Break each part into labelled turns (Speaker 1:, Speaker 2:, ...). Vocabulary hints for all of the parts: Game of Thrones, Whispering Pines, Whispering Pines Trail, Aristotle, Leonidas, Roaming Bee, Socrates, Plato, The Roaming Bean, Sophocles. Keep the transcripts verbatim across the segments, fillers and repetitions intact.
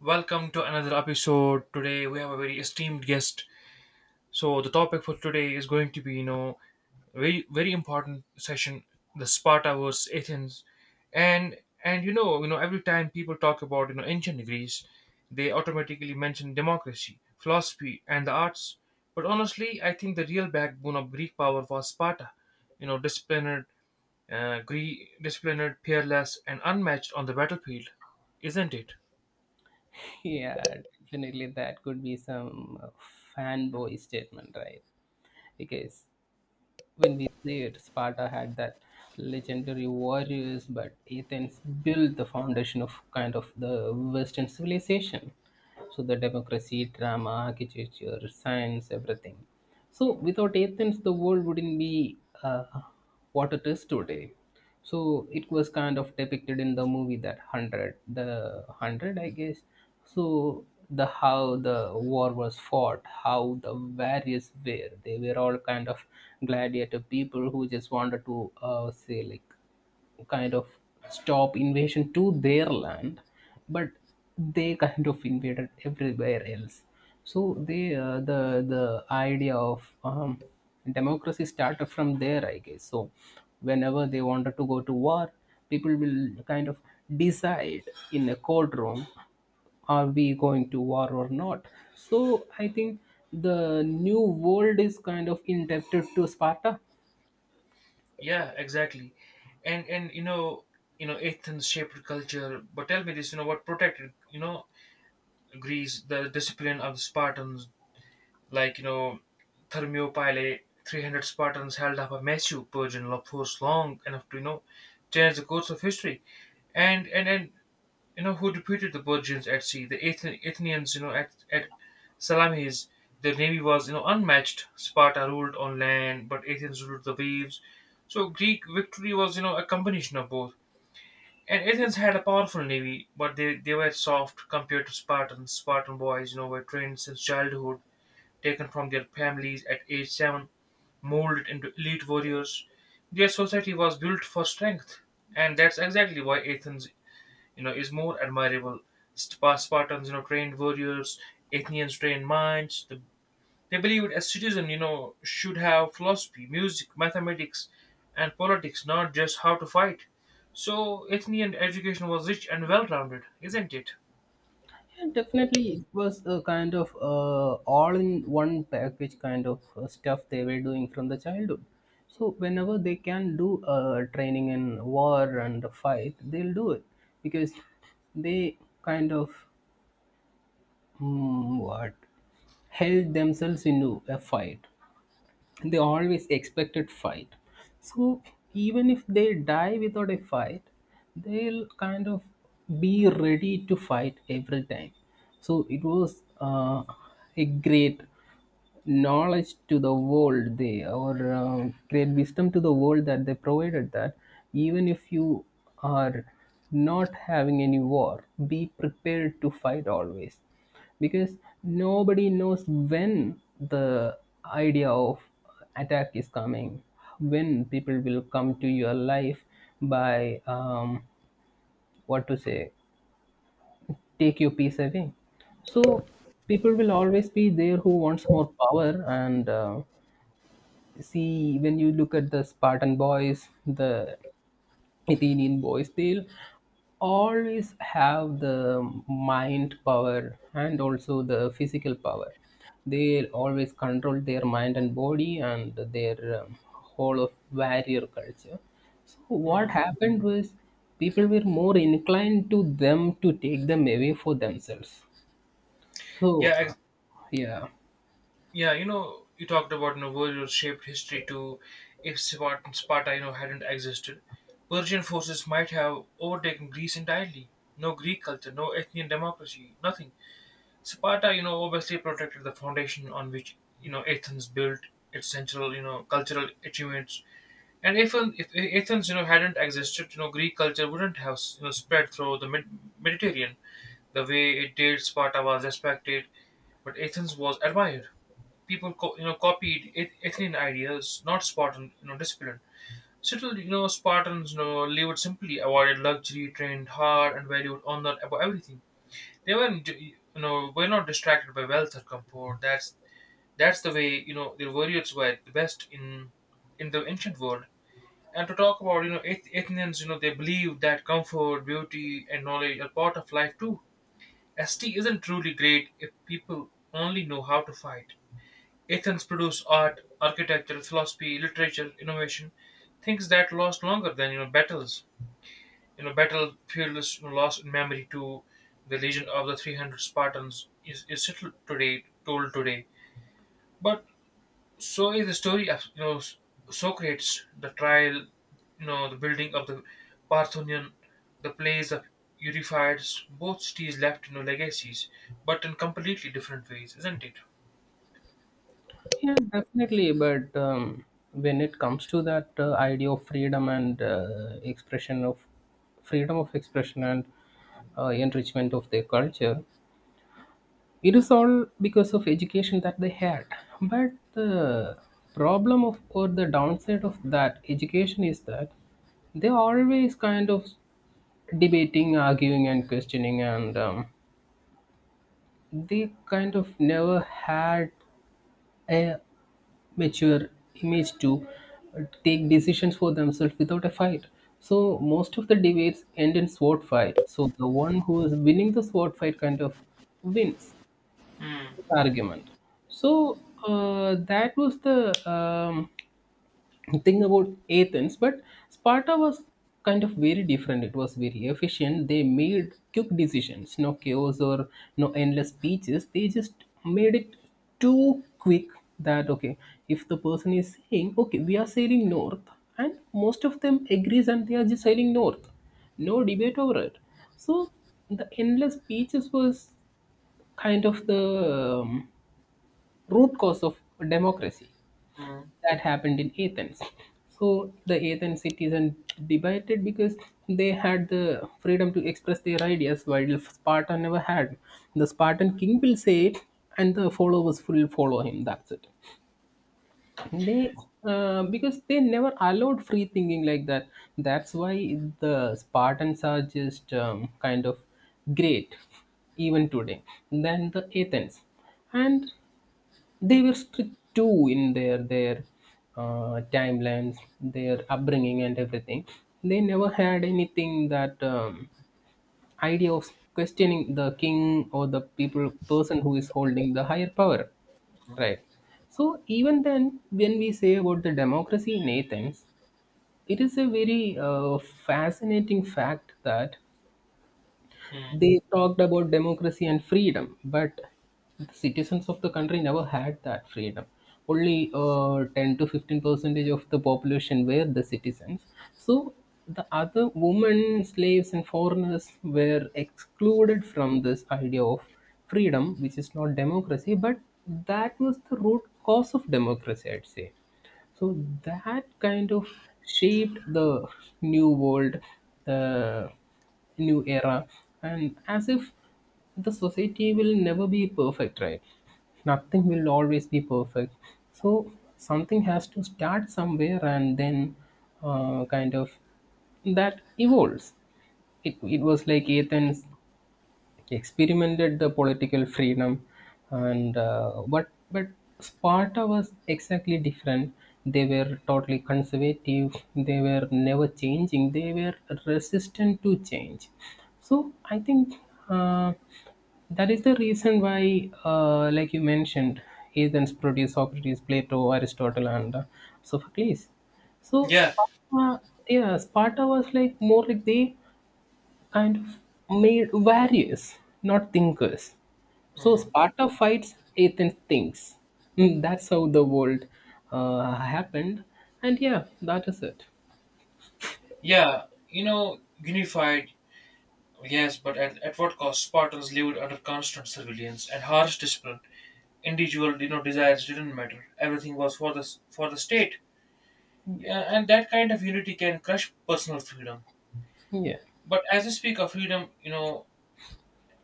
Speaker 1: Welcome to another episode. Today we have a very esteemed guest. So the topic for today is going to be, you know, very very important session, the Sparta versus Athens, and and you know, you know, every time people talk about you know ancient Greece, they automatically mention democracy, philosophy, and the arts. But honestly, I think the real backbone of Greek power was Sparta. You know, disciplined, uh, Greek, disciplined, peerless, and unmatched on the battlefield, isn't it?
Speaker 2: Yeah, definitely that could be some uh, fanboy statement, right? Because when we say it, Sparta had that legendary warriors, but Athens built the foundation of kind of the Western civilization. So the democracy, drama, architecture, science, everything. So without Athens, the world wouldn't be uh, what it is today. So it was kind of depicted in the movie that 100, the 100, I guess. So the how the war was fought, how the various were, they were all kind of gladiator people who just wanted to uh, say like kind of stop invasion to their land, but they kind of invaded everywhere else. So they uh, the the idea of um, democracy started from there, I guess. So whenever they wanted to go to war, people will kind of decide in a courtroom, are we going to war or not? So I think the new world is kind of indebted to Sparta.
Speaker 1: Yeah, exactly. And and you know, you know, Athens shaped culture. But tell me this, you know, what protected, you know, Greece, the discipline of the Spartans, like you know, Thermopylae, three hundred Spartans held up a massive Persian law force long enough to you know change the course of history. And and and you know, who defeated the Persians at sea. The Athen- Athenians, you know, at, at Salamis, their navy was, you know, unmatched. Sparta ruled on land, but Athens ruled the waves. So Greek victory was, you know, a combination of both. And Athens had a powerful navy, but they, they were soft compared to Spartans. Spartan boys, you know, were trained since childhood, taken from their families at age seven, molded into elite warriors. Their society was built for strength, and that's exactly why Athens you know, is more admirable. Spa- Spartans, you know, trained warriors, Athenians trained minds. The, they believed a citizen, you know, should have philosophy, music, mathematics, and politics, not just how to fight. So Athenian education was rich and well-rounded, isn't it?
Speaker 2: Yeah, definitely, it was a kind of uh, all-in-one package kind of uh, stuff they were doing from the childhood. So whenever they can do uh, training in war and fight, they'll do it because they kind of mm, what held themselves into a fight, they always expected fight. So even if they die without a fight, they'll kind of be ready to fight every time. So it was uh, a great knowledge to the world, they or um, great wisdom to the world that they provided, that even if you are not having any war, be prepared to fight always, because nobody knows when the idea of attack is coming, when people will come to your life by um, what to say, take your peace away. So people will always be there who wants more power, and uh, see, when you look at the Spartan boys, the Athenian boys, they'll always have the mind power and also the physical power. They always control their mind and body, and their um, whole of warrior culture. So what
Speaker 1: Hmm.
Speaker 2: happened was people were more inclined to them to take them away for themselves. So
Speaker 1: Yeah,
Speaker 2: uh,
Speaker 1: ex-
Speaker 2: yeah.
Speaker 1: yeah. You know, you talked about you know, warriors shaped history too. If Spartan Sparta, you know, hadn't existed, Persian forces might have overtaken Greece entirely. No Greek culture, no Athenian democracy, nothing. Sparta, you know, obviously protected the foundation on which you know Athens built its central, you know, cultural achievements. And if if Athens, you know, hadn't existed, you know, Greek culture wouldn't have you know spread through the Med- Mediterranean the way it did. Sparta was respected, but Athens was admired. People, co- you know, copied Ath- Athenian ideas, not Spartan, you know, discipline. Still, you know, Spartans, you know, lived simply, avoided luxury, trained hard, and valued honor above everything. They weren't you know were not distracted by wealth or comfort. That's that's the way you know the warriors were the best in in the ancient world. And to talk about you know ath- athenians, you know they believed that comfort, beauty, and knowledge are part of life too. St Isn't truly great if people only know how to fight. Athens produced art, architecture, philosophy, literature, innovation, things that last longer than you know battles. You know, battle Faeulus lost in memory to the legion of the three hundred Spartans is, is still today told today. But so is the story of you know Socrates, the trial, you know the building of the Parthenion, the plays of Euripides. Both cities left you know legacies, but in completely different ways, isn't it?
Speaker 2: Yeah, definitely. But um, when it comes to that uh, idea of freedom and uh, expression of freedom of expression and uh, enrichment of their culture, it is all because of education that they had. But the problem of, or the downside of that education is that they always kind of debating, arguing, and questioning, and um, they kind of never had a mature image to uh, take decisions for themselves without a fight. So most of the debates end in sword fight. So the one who is winning the sword fight kind of wins
Speaker 1: Mm,
Speaker 2: the argument. So uh, that was the um, think about Athens, but Sparta was kind of very different. It was very efficient. They made quick decisions, no chaos or no endless speeches. They just made it too quick that okay, if the person is saying okay, we are sailing north, and most of them agrees and they are just sailing north, no debate over it. So the endless speeches was kind of the um, root cause of democracy
Speaker 1: mm,
Speaker 2: that happened in Athens. So the Athens citizens debated because they had the freedom to express their ideas, while Sparta never had. The Spartan king will say it, and the followers will follow him. That's it. They uh, because they never allowed free thinking like that. That's why the Spartans are just um, kind of great even today than the Athens. And they were strict too in their their uh, timelines, their upbringing, and everything. They never had anything that um, idea of questioning the king or the people person who is holding the higher power, right? So even then, when we say about the democracy in Athens, it is a very uh, fascinating fact that
Speaker 1: mm.
Speaker 2: they talked about democracy and freedom, but the citizens of the country never had that freedom. Only uh, ten to fifteen percentage of the population were the citizens. So the other women, slaves, and foreigners were excluded from this idea of freedom, which is not democracy, but that was the root cause of democracy, I'd say. So that kind of shaped the new world, the new era, and as if the society will never be perfect, right? Nothing will always be perfect. So something has to start somewhere, and then uh, kind of that evolves. It, it was like Athens experimented the political freedom and uh, but but Sparta was exactly different. They were totally conservative. They were never changing, they were resistant to change. So I think uh, that is the reason why, uh, like you mentioned, Athens produced Socrates, Plato, Aristotle, and uh, Sophocles. So
Speaker 1: Yeah,
Speaker 2: Sparta, yeah, Sparta was like more like they and made warriors, not thinkers. So
Speaker 1: mm.
Speaker 2: Sparta fights, Athens thinks. Mm, That's how the world uh, happened. And yeah, that is it.
Speaker 1: Yeah. You know, unified Yes, but at, at what cost? Spartans lived under constant surveillance and harsh discipline. Individual, you know, desires didn't matter. Everything was for the s- for the state.
Speaker 2: Yeah,
Speaker 1: A- and that kind of unity can crush personal freedom.
Speaker 2: yeah,
Speaker 1: But as I speak of freedom, you know,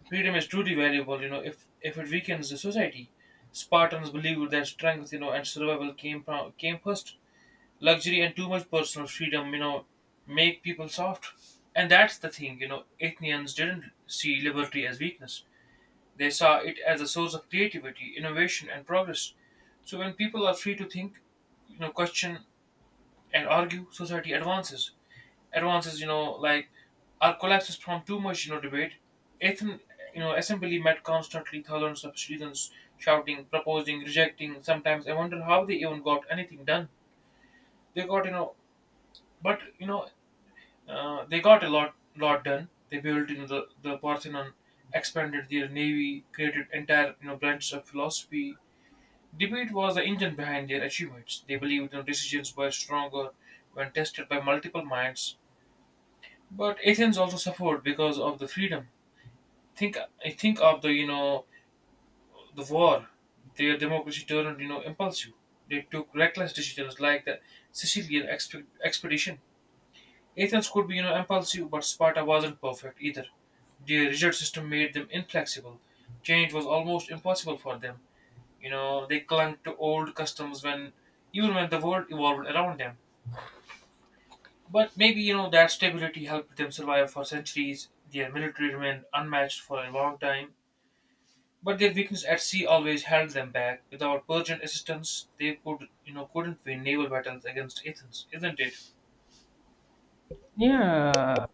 Speaker 1: freedom is truly valuable. You know, if if it weakens the society, Spartans believed that strength, you know, and survival came from, came first. Luxury and too much personal freedom, you know, make people soft, and that's the thing. You know, Athenians didn't see liberty as weakness. They saw it as a source of creativity, innovation, and progress. So when people are free to think, you know, question and argue, society advances. Advances, you know, like our collapses from too much, you know, debate. Ethan, you know, assembly met constantly thousands of citizens shouting, proposing, rejecting. Sometimes I wonder how they even got anything done. They got, you know, but you know, uh, they got a lot, lot done. They built, you know, the the Parthenon, expanded their navy, created entire, you know, branches of philosophy. Debate was the engine behind their achievements. They believed their decisions were stronger when tested by multiple minds. But Athens also suffered because of the freedom. Think I think of the you know the war. Their democracy turned you know impulsive. They took reckless decisions like the Sicilian expe- expedition. Athens could be you know impulsive, but Sparta wasn't perfect either. Their rigid system made them inflexible. Change was almost impossible for them. You know, they clung to old customs when even when the world evolved around them. But maybe, you know, that stability helped them survive for centuries. Their military remained unmatched for a long time. But their weakness at sea always held them back. Without Persian assistance, they could, you know, couldn't win naval battles against Athens, isn't it?
Speaker 2: yeah.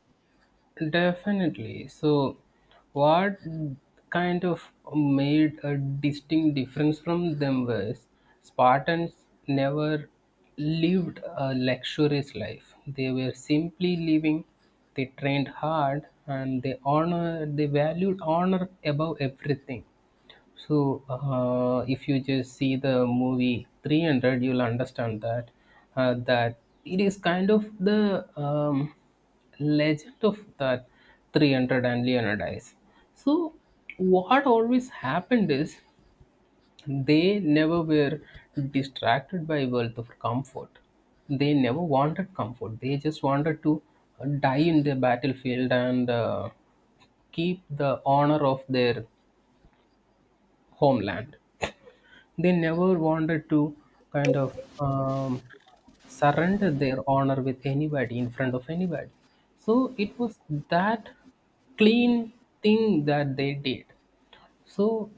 Speaker 2: Definitely. So, what kind of made a distinct difference from them was Spartans never lived a luxurious life. They were simply living, they trained hard, and they honor. They valued honor above everything. So, uh, if you just see the movie three hundred, you'll understand that uh, that it is kind of the um, legend of that three hundred and Leonidas. So, what always happened is they never were distracted by wealth or comfort. They never wanted comfort. They just wanted to uh, die in the battlefield and uh, keep the honor of their homeland. They never wanted to kind of um, surrender their honor with anybody in front of anybody. So it was that clean thing that they did. So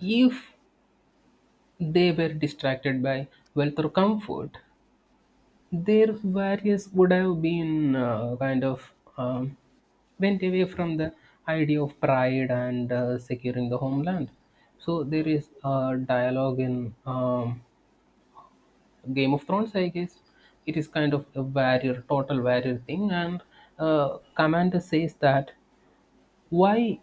Speaker 2: if they were distracted by wealth or comfort, their values would have been uh, kind of um, went away from the idea of pride and uh, securing the homeland. So there
Speaker 1: Hmm,
Speaker 2: is a dialogue in um, Game of Thrones, I guess. It is kind of a warrior, total warrior thing. And uh, Commander says that why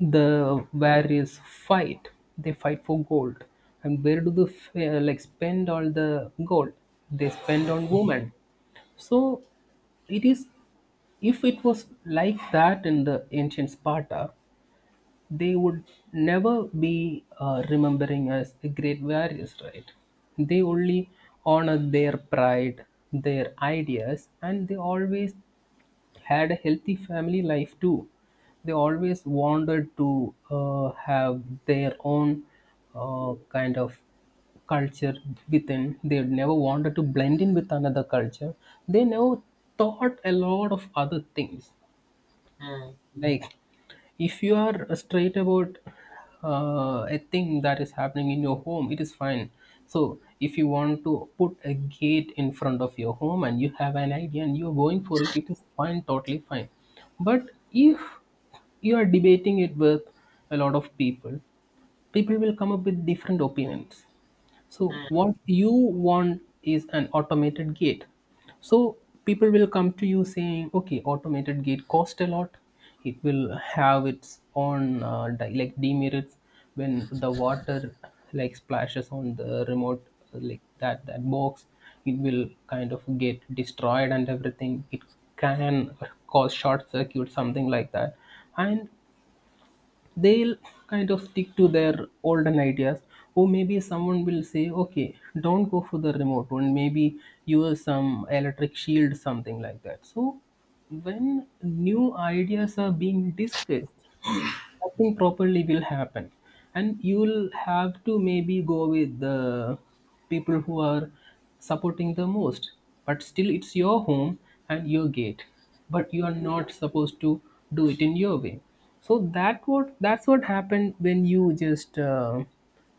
Speaker 2: the warriors fight? They fight for gold. And where do the f- uh, like spend all the gold? They spend on women. So it is, if it was like that in the ancient Sparta, they would never be uh, remembering as the great warriors, right? They only honor their pride, their ideas, and they always had a healthy family life too. They always wanted to uh, have their own uh, kind of culture within. They never wanted to blend in with another culture. They never thought a lot of other things,
Speaker 1: hmm,
Speaker 2: like if you are straight about uh, a thing that is happening in your home, it is fine. So if you want to put a gate in front of your home and you have an idea and you're going for it, it is fine, totally fine. But if you are debating it with a lot of people, people will come up with different opinions. So
Speaker 1: hmm,
Speaker 2: what you want is an automated gate. So people will come to you saying, okay, automated gate cost a lot. It will have its own uh, di- like demerits when the water like splashes on the remote, uh, like that that box. It will kind of get destroyed and everything. It can cause short circuit, something like that. And they'll kind of stick to their olden ideas, or maybe someone will say okay, don't go for the remote one, maybe use some electric shield, something like that. So when new ideas are being discussed, nothing properly will happen, and you will have to maybe go with the people who are supporting the most. But still it's your home and your gate, but you are not supposed to do it in your way. So that what, that's what happened when you just uh,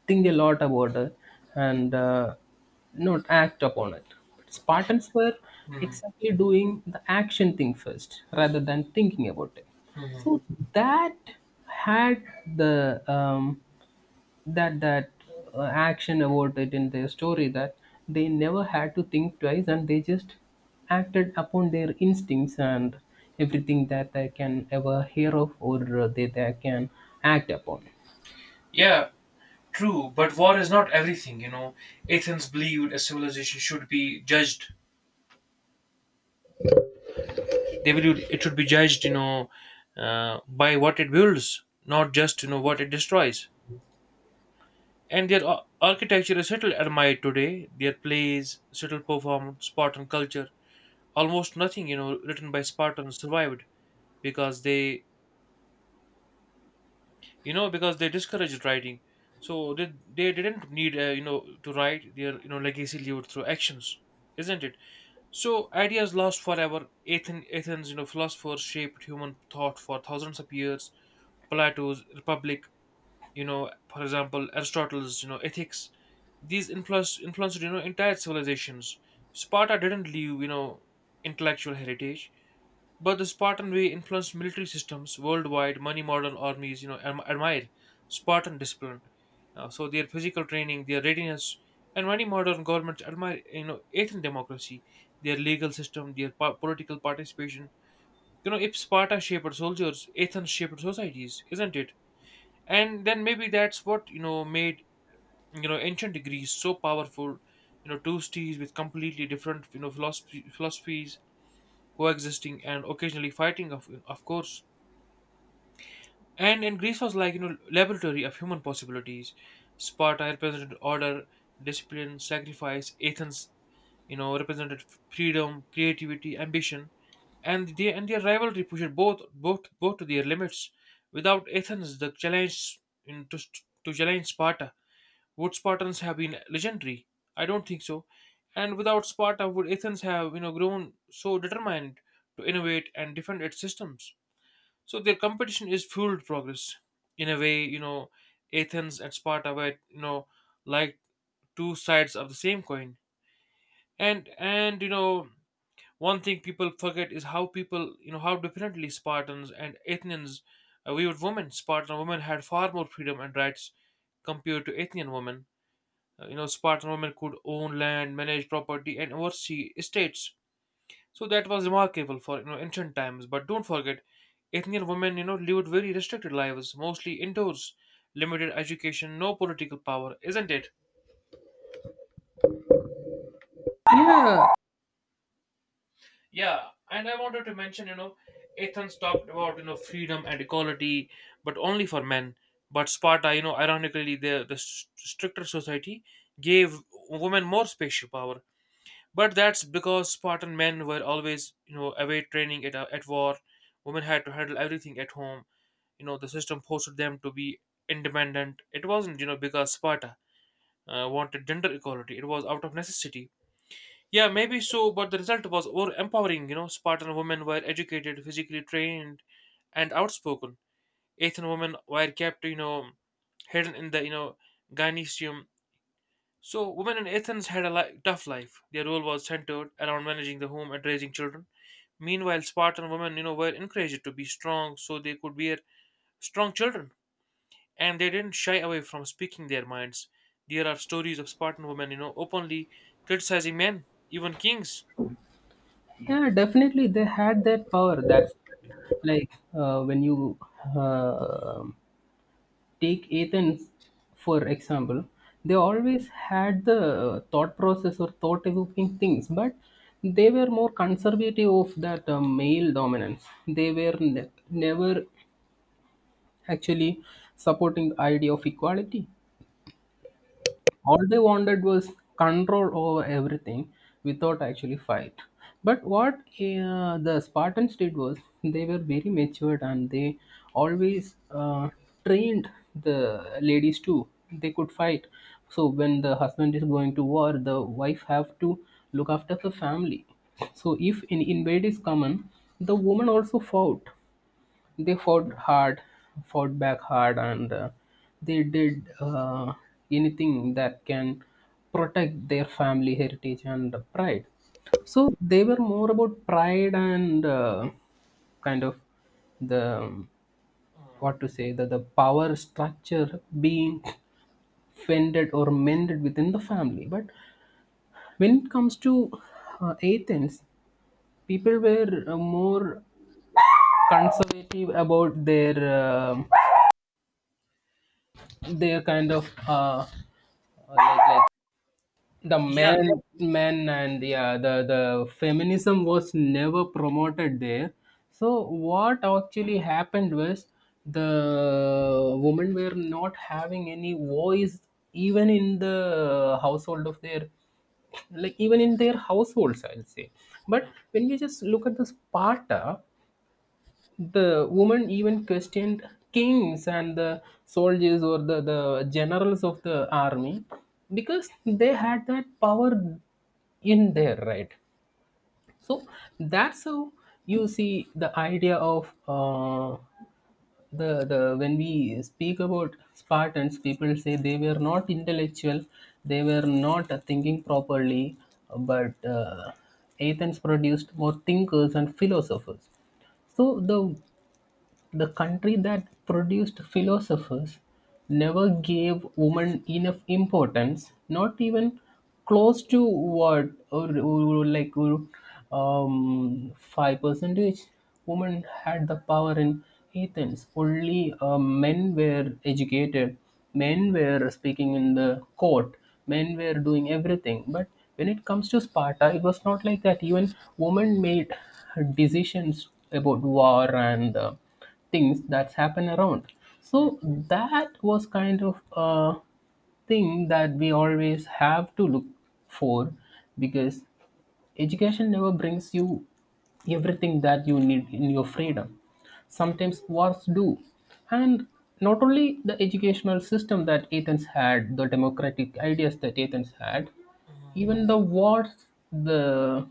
Speaker 2: think a lot about it and uh, not act upon it. Spartans were
Speaker 1: hmm, hmm,
Speaker 2: exactly doing the action thing first rather than thinking about it.
Speaker 1: hmm.
Speaker 2: So that had the um, that that uh, action about it in their story, that they never had to think twice, and they just acted upon their instincts and everything that they can ever hear of, or uh, they, they can act upon.
Speaker 1: Yeah, true. But war is not everything, you know. Athens believed a civilization should be judged they will it should be judged you know uh, by what it builds, not just you know what it destroys. And their ar- architecture is little admired today. Their plays little performed. Spartan culture, almost nothing you know written by Spartans survived, because they you know because they discouraged writing. So they, they didn't need uh, you know to write their you know legacy, lived through actions, isn't it? So ideas lost forever. Athen, athens you know philosophers shaped human thought for thousands of years. Plato's Republic, you know, for example, Aristotle's, you know, Ethics. These influenced influenced you know entire civilizations. Sparta didn't leave you know intellectual heritage, but the Spartan way influenced military systems worldwide. Many modern armies you know adm- admire Spartan discipline. Uh, so their physical training, their readiness, and many modern governments admire you know Athenian democracy, their legal system, their po- political participation. You know, if Sparta shaped soldiers, Athens shaped societies, isn't it? And then maybe that's what you know made you know ancient Greece so powerful. You know two cities with completely different you know philosophy, philosophies coexisting and occasionally fighting, of, of course and and Greece was like you know laboratory of human possibilities. Sparta represented order, discipline, sacrifice. Athens you know represented f- freedom, creativity, ambition. And they and their rivalry pushed both both both to their limits. Without Athens, the challenge, in, to, to challenge Sparta. Would Spartans have been legendary? I don't think so. And without Sparta, would Athens have you know grown so determined to innovate and defend its systems? So their competition is fueled progress. In a way, you know, Athens and Sparta were you know like two sides of the same coin. And and you know one thing people forget is how people you know how differently Spartans and Athenians uh, viewed women. Spartan women had far more freedom and rights compared to Athenian women. uh, you know, Spartan women could own land, manage property, and oversee estates. So that was remarkable for you know ancient times. But don't forget, Athenian women you know lived very restricted lives, mostly indoors, limited education, no political power, isn't it?
Speaker 2: Yeah,
Speaker 1: Yeah, and I wanted to mention you know, Athens talked about you know freedom and equality, but only for men. But Sparta, you know, ironically, the the st- stricter society gave women more spatial power. But that's because Spartan men were always, you know, away training at, uh, at war. Women had to handle everything at home. You know, the system forced them to be independent. It wasn't, you know, because Sparta uh, wanted gender equality. It was out of necessity. Yeah, maybe so, but the result was more empowering. You know, Spartan women were educated, physically trained, and outspoken. Athenian women were kept, you know, hidden in the, you know, gynecium. So, women in Athens had a li- tough life. Their role was centered around managing the home and raising children. Meanwhile, Spartan women, you know, were encouraged to be strong so they could bear strong children, and they didn't shy away from speaking their minds. There are stories of Spartan women, you know, openly criticizing men, even kings.
Speaker 2: yeah, definitely they had that power. That's like uh, when you uh, take Athens for example, they
Speaker 1: Mm,
Speaker 2: always had the uh, thought process or thought evoking things, but they were more conservative of that uh, male dominance. They were ne- never actually supporting the idea of equality. All they wanted was control over everything without actually fight. But what uh, the Spartans did was, they were very matured, and they always uh, trained the ladies too, they could fight. So when the husband is going to war, the wife have to look after the family. So if an invade is common, the woman also fought. They fought hard, fought back hard, and uh, they did uh, anything that can protect their family heritage and pride. So they were more about pride and uh, kind of the um, what to
Speaker 1: mm.
Speaker 2: say, that the power structure being fended or mended within the family. But when it comes to uh, Athens, people were uh, more conservative about their. um they're kind of uh, uh, like like The
Speaker 1: Yeah.
Speaker 2: men men and yeah, the the feminism was never promoted there. So what actually happened was the women were not having any voice even in the household of their like even in their households, I'll say. But when you just look at the Sparta, the woman even questioned kings and the soldiers, or the, the generals of the army, because they had that power in there, right? So that's how you see the idea of uh, the the when we speak about Spartans, people say they were not intellectual, they were not thinking properly. But uh, Athens produced more thinkers and philosophers. So the the country that produced philosophers never gave women enough importance, not even close to what, or, or like or, um, five percentage. Women had the power in Athens. Only uh, men were educated, men were speaking in the court, men were doing everything. But when it comes to Sparta, it was not like that. Even women made decisions about war and uh, things that's happen around.
Speaker 1: Mm,
Speaker 2: So that was kind of a thing that we always have to look for, because education never brings you everything that you need in your freedom.
Speaker 1: mm,
Speaker 2: Sometimes wars do, and not only the educational system that Athens had, the democratic ideas that Athens had,
Speaker 1: mm, mm.
Speaker 2: even the wars. The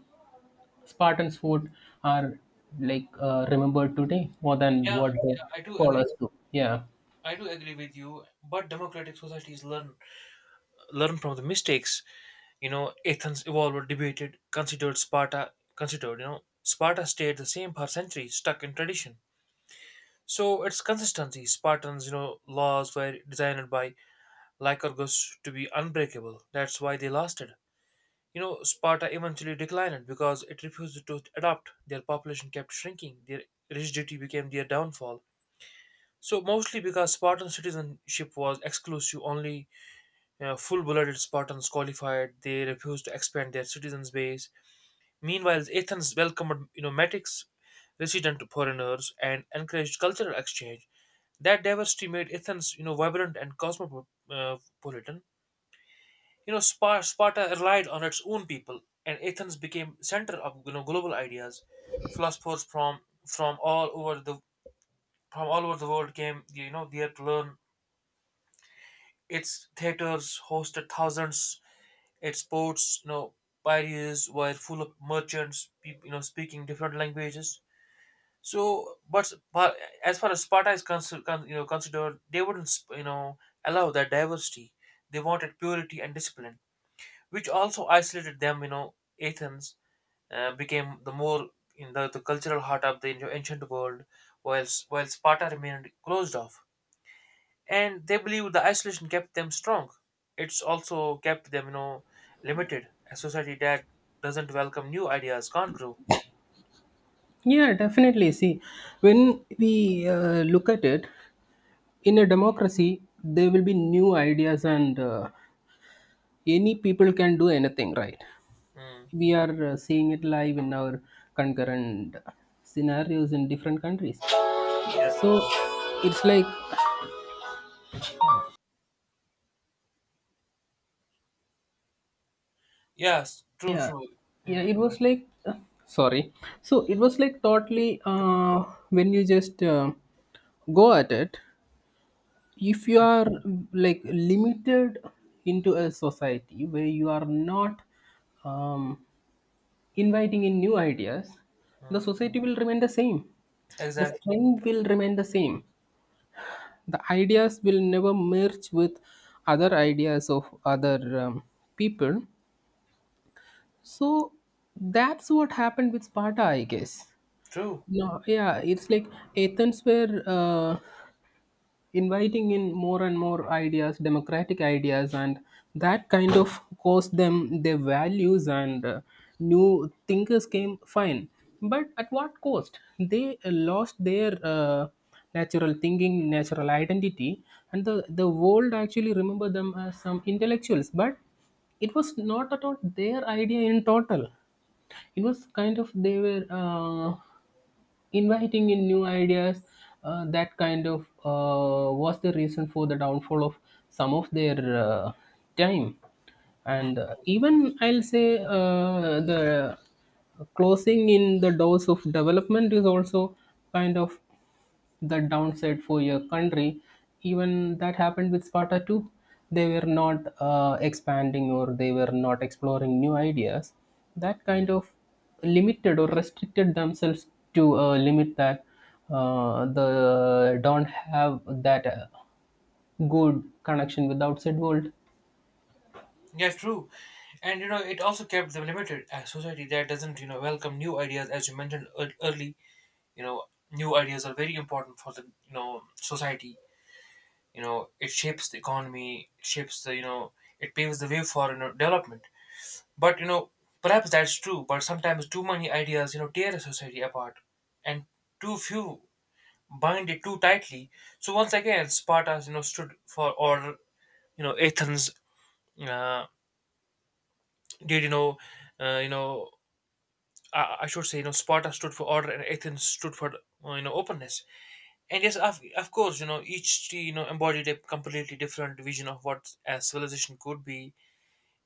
Speaker 2: Spartans' food are like uh, remembered today more than
Speaker 1: Yeah,
Speaker 2: what the
Speaker 1: yeah, I do agree.
Speaker 2: scholars do. Yeah,
Speaker 1: I do agree with you, but democratic societies learn learn from the mistakes. You know, Athens evolved, debated, considered Sparta, considered, you know, Sparta stayed the same for centuries, stuck in tradition. So its consistency, Spartans, you know, laws were designed by Lycurgus to be unbreakable. That's why they lasted. You know, Sparta eventually declined because it refused to adapt. Their population kept shrinking. Their rigidity became their downfall. So mostly because Spartan citizenship was exclusive, only uh, full-blooded Spartans qualified. They refused to expand their citizens' base. Meanwhile, Athens welcomed you know metics, resident foreigners, and encouraged cultural exchange. That diversity made Athens you know vibrant and cosmopolitan. You know, Spa- Sparta relied on its own people, and Athens became center of you know global ideas. Philosophers from from all over the from all over the world came you know there to learn. Its theaters hosted thousands. Its ports, you know, Piraeus, were full of merchants, peop- you know, speaking different languages. So, but but as far as Sparta is considered, you know, considered, they wouldn't, sp- you know, allow that diversity. They wanted purity and discipline, which also isolated them. You know, Athens uh, became the more in the, the cultural heart of the you know, ancient world, whilst while Sparta remained closed off. And they believed the isolation kept them strong. It's also kept them, you know, limited. A society that doesn't welcome new ideas can't grow.
Speaker 2: yeah, definitely. See, when we uh, look at it in a democracy, there will be new ideas, and uh, any people can do anything, right?
Speaker 1: Mm.
Speaker 2: We are uh, seeing it live in our concurrent scenarios in different countries.
Speaker 1: Yeah.
Speaker 2: So it's like,
Speaker 1: Yes. True. True.
Speaker 2: yeah, it was like uh, sorry so it was like totally uh, when you just uh, go at it, if you
Speaker 1: Mm.
Speaker 2: are like limited into a society where you are not um, inviting in new ideas, the
Speaker 1: Mm,
Speaker 2: society will remain the same, the
Speaker 1: exactly.
Speaker 2: strength will remain the same, the ideas will never merge with other ideas of other um, people. So that's what happened with Sparta, I guess.
Speaker 1: True.
Speaker 2: No, yeah, it's like Athens were uh, inviting in more and more ideas, democratic ideas, and that kind of caused them their values, and uh, new thinkers came fine. But at what cost? They uh, lost their uh, natural thinking, natural identity, and the, the world actually remember them as some intellectuals. But it was not at all their idea in total. It was kind of they were. Uh, inviting in new ideas uh, that kind of uh, was the reason for the downfall of some of their uh, time.
Speaker 1: Mm.
Speaker 2: And uh, even I'll say uh, the closing in the doors of development is also kind of the downside for your country. Even that happened with Sparta too. They were not uh, expanding, or they were not exploring new ideas. That kind of limited or restricted themselves to a limit that uh, the don't have that uh, good connection with the outside world.
Speaker 1: Yeah, true. And you know, it also kept them limited. A society that doesn't, you know, welcome new ideas, as you mentioned ear- early, you know, new ideas are very important for the, you know, society. You know, it shapes the economy, it shapes the, you know, it paves the way for, you know, development. But, you know, perhaps that's true, but sometimes too many ideas, you know, tear a society apart, and too few bind it too tightly. So once again, Sparta, you know, stood for, or, you know, Athens, uh, did you know uh, you know I, I should say, you know sparta stood for order, and athens stood for uh, you know openness. And yes, of, of course, you know each you know embodied a completely different vision of what a civilization could be.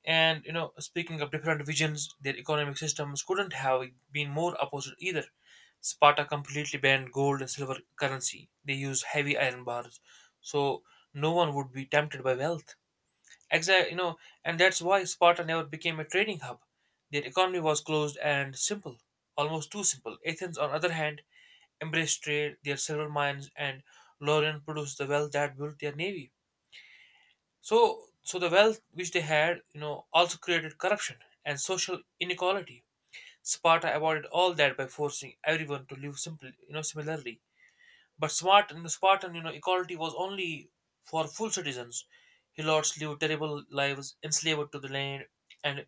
Speaker 1: And you know speaking of different visions, their economic systems couldn't have been more opposite either. Sparta completely banned gold and silver currency. They used heavy iron bars so no one would be tempted by wealth. Exactly, you know, and that's why Sparta never became a trading hub. Their economy was closed and simple, almost too simple. Athens, on the other hand, embraced trade. Their silver mines and Laurian produced the wealth that built their navy. So, so the wealth which they had, you know, also created corruption and social inequality. Sparta avoided all that by forcing everyone to live simply, you know, similarly. But smart and Spartan, you know, equality was only for full citizens. Helots lived terrible lives, enslaved to the land, and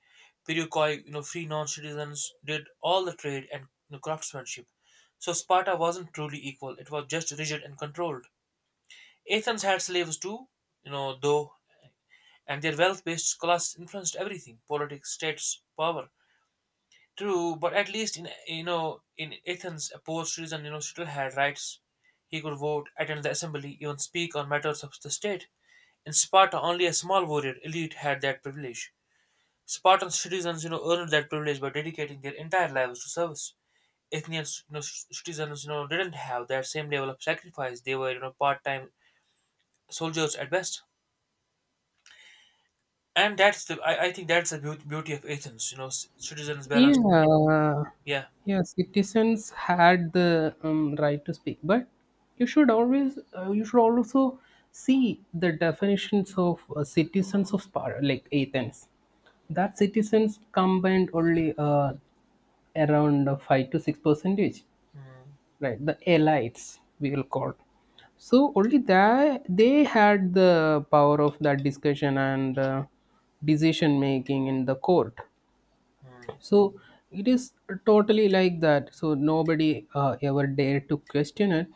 Speaker 1: Perikoi, you know, free non-citizens, did all the trade and, you know, craftsmanship. So Sparta wasn't truly equal; it was just rigid and controlled. Athens had slaves too, you know, though, and their wealth-based class influenced everything: politics, status, power. True, but at least in you know in Athens, a poor citizen you know still had rights. He could vote, attend the assembly, even speak on matters of the state. In Sparta, only a small warrior elite had that privilege. Spartan citizens, you know, earned that privilege by dedicating their entire lives to service. Athenian you know, c- citizens, you know, didn't have that same level of sacrifice. They were, you know, part-time soldiers at best. And that's the I, I think that's the beaut- beauty of Athens. You know, c- citizens balanced.
Speaker 2: Yeah,
Speaker 1: Yeah.
Speaker 2: yeah. Citizens had the um, right to speak, but you should always, uh, you should also see the definitions of uh, citizens of Sparta, like Athens. That citizens combined only uh, around uh, five to six percentage,
Speaker 1: Hmm.
Speaker 2: right? The elites, we will call. So only that they had the power of that discussion and uh, decision making in the court.
Speaker 1: Hmm.
Speaker 2: So it is totally like that. So nobody uh, ever dared to question it,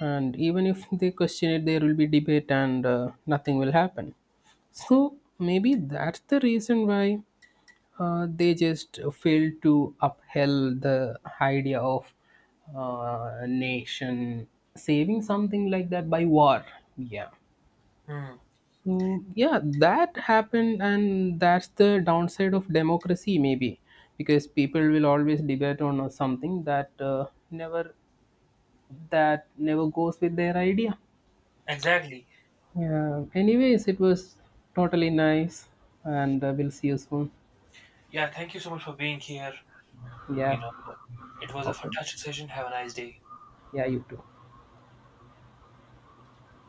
Speaker 2: and even if they question it, there will be debate and uh, nothing will happen. So maybe that's the reason why uh, they just failed to upheld the idea of uh, nation saving, something like that, by war. Yeah.
Speaker 1: Hmm.
Speaker 2: So yeah, that happened, and that's the downside of democracy, maybe, because people will always debate on uh, something that uh, never that never goes with their idea.
Speaker 1: Exactly.
Speaker 2: Yeah. Anyways, it was totally nice, and uh, we'll see you soon.
Speaker 1: Yeah, thank you so much for being here. You
Speaker 2: Yeah.
Speaker 1: know, it was a
Speaker 2: Okay.
Speaker 1: fantastic session. Have a nice day.
Speaker 2: Yeah, you too.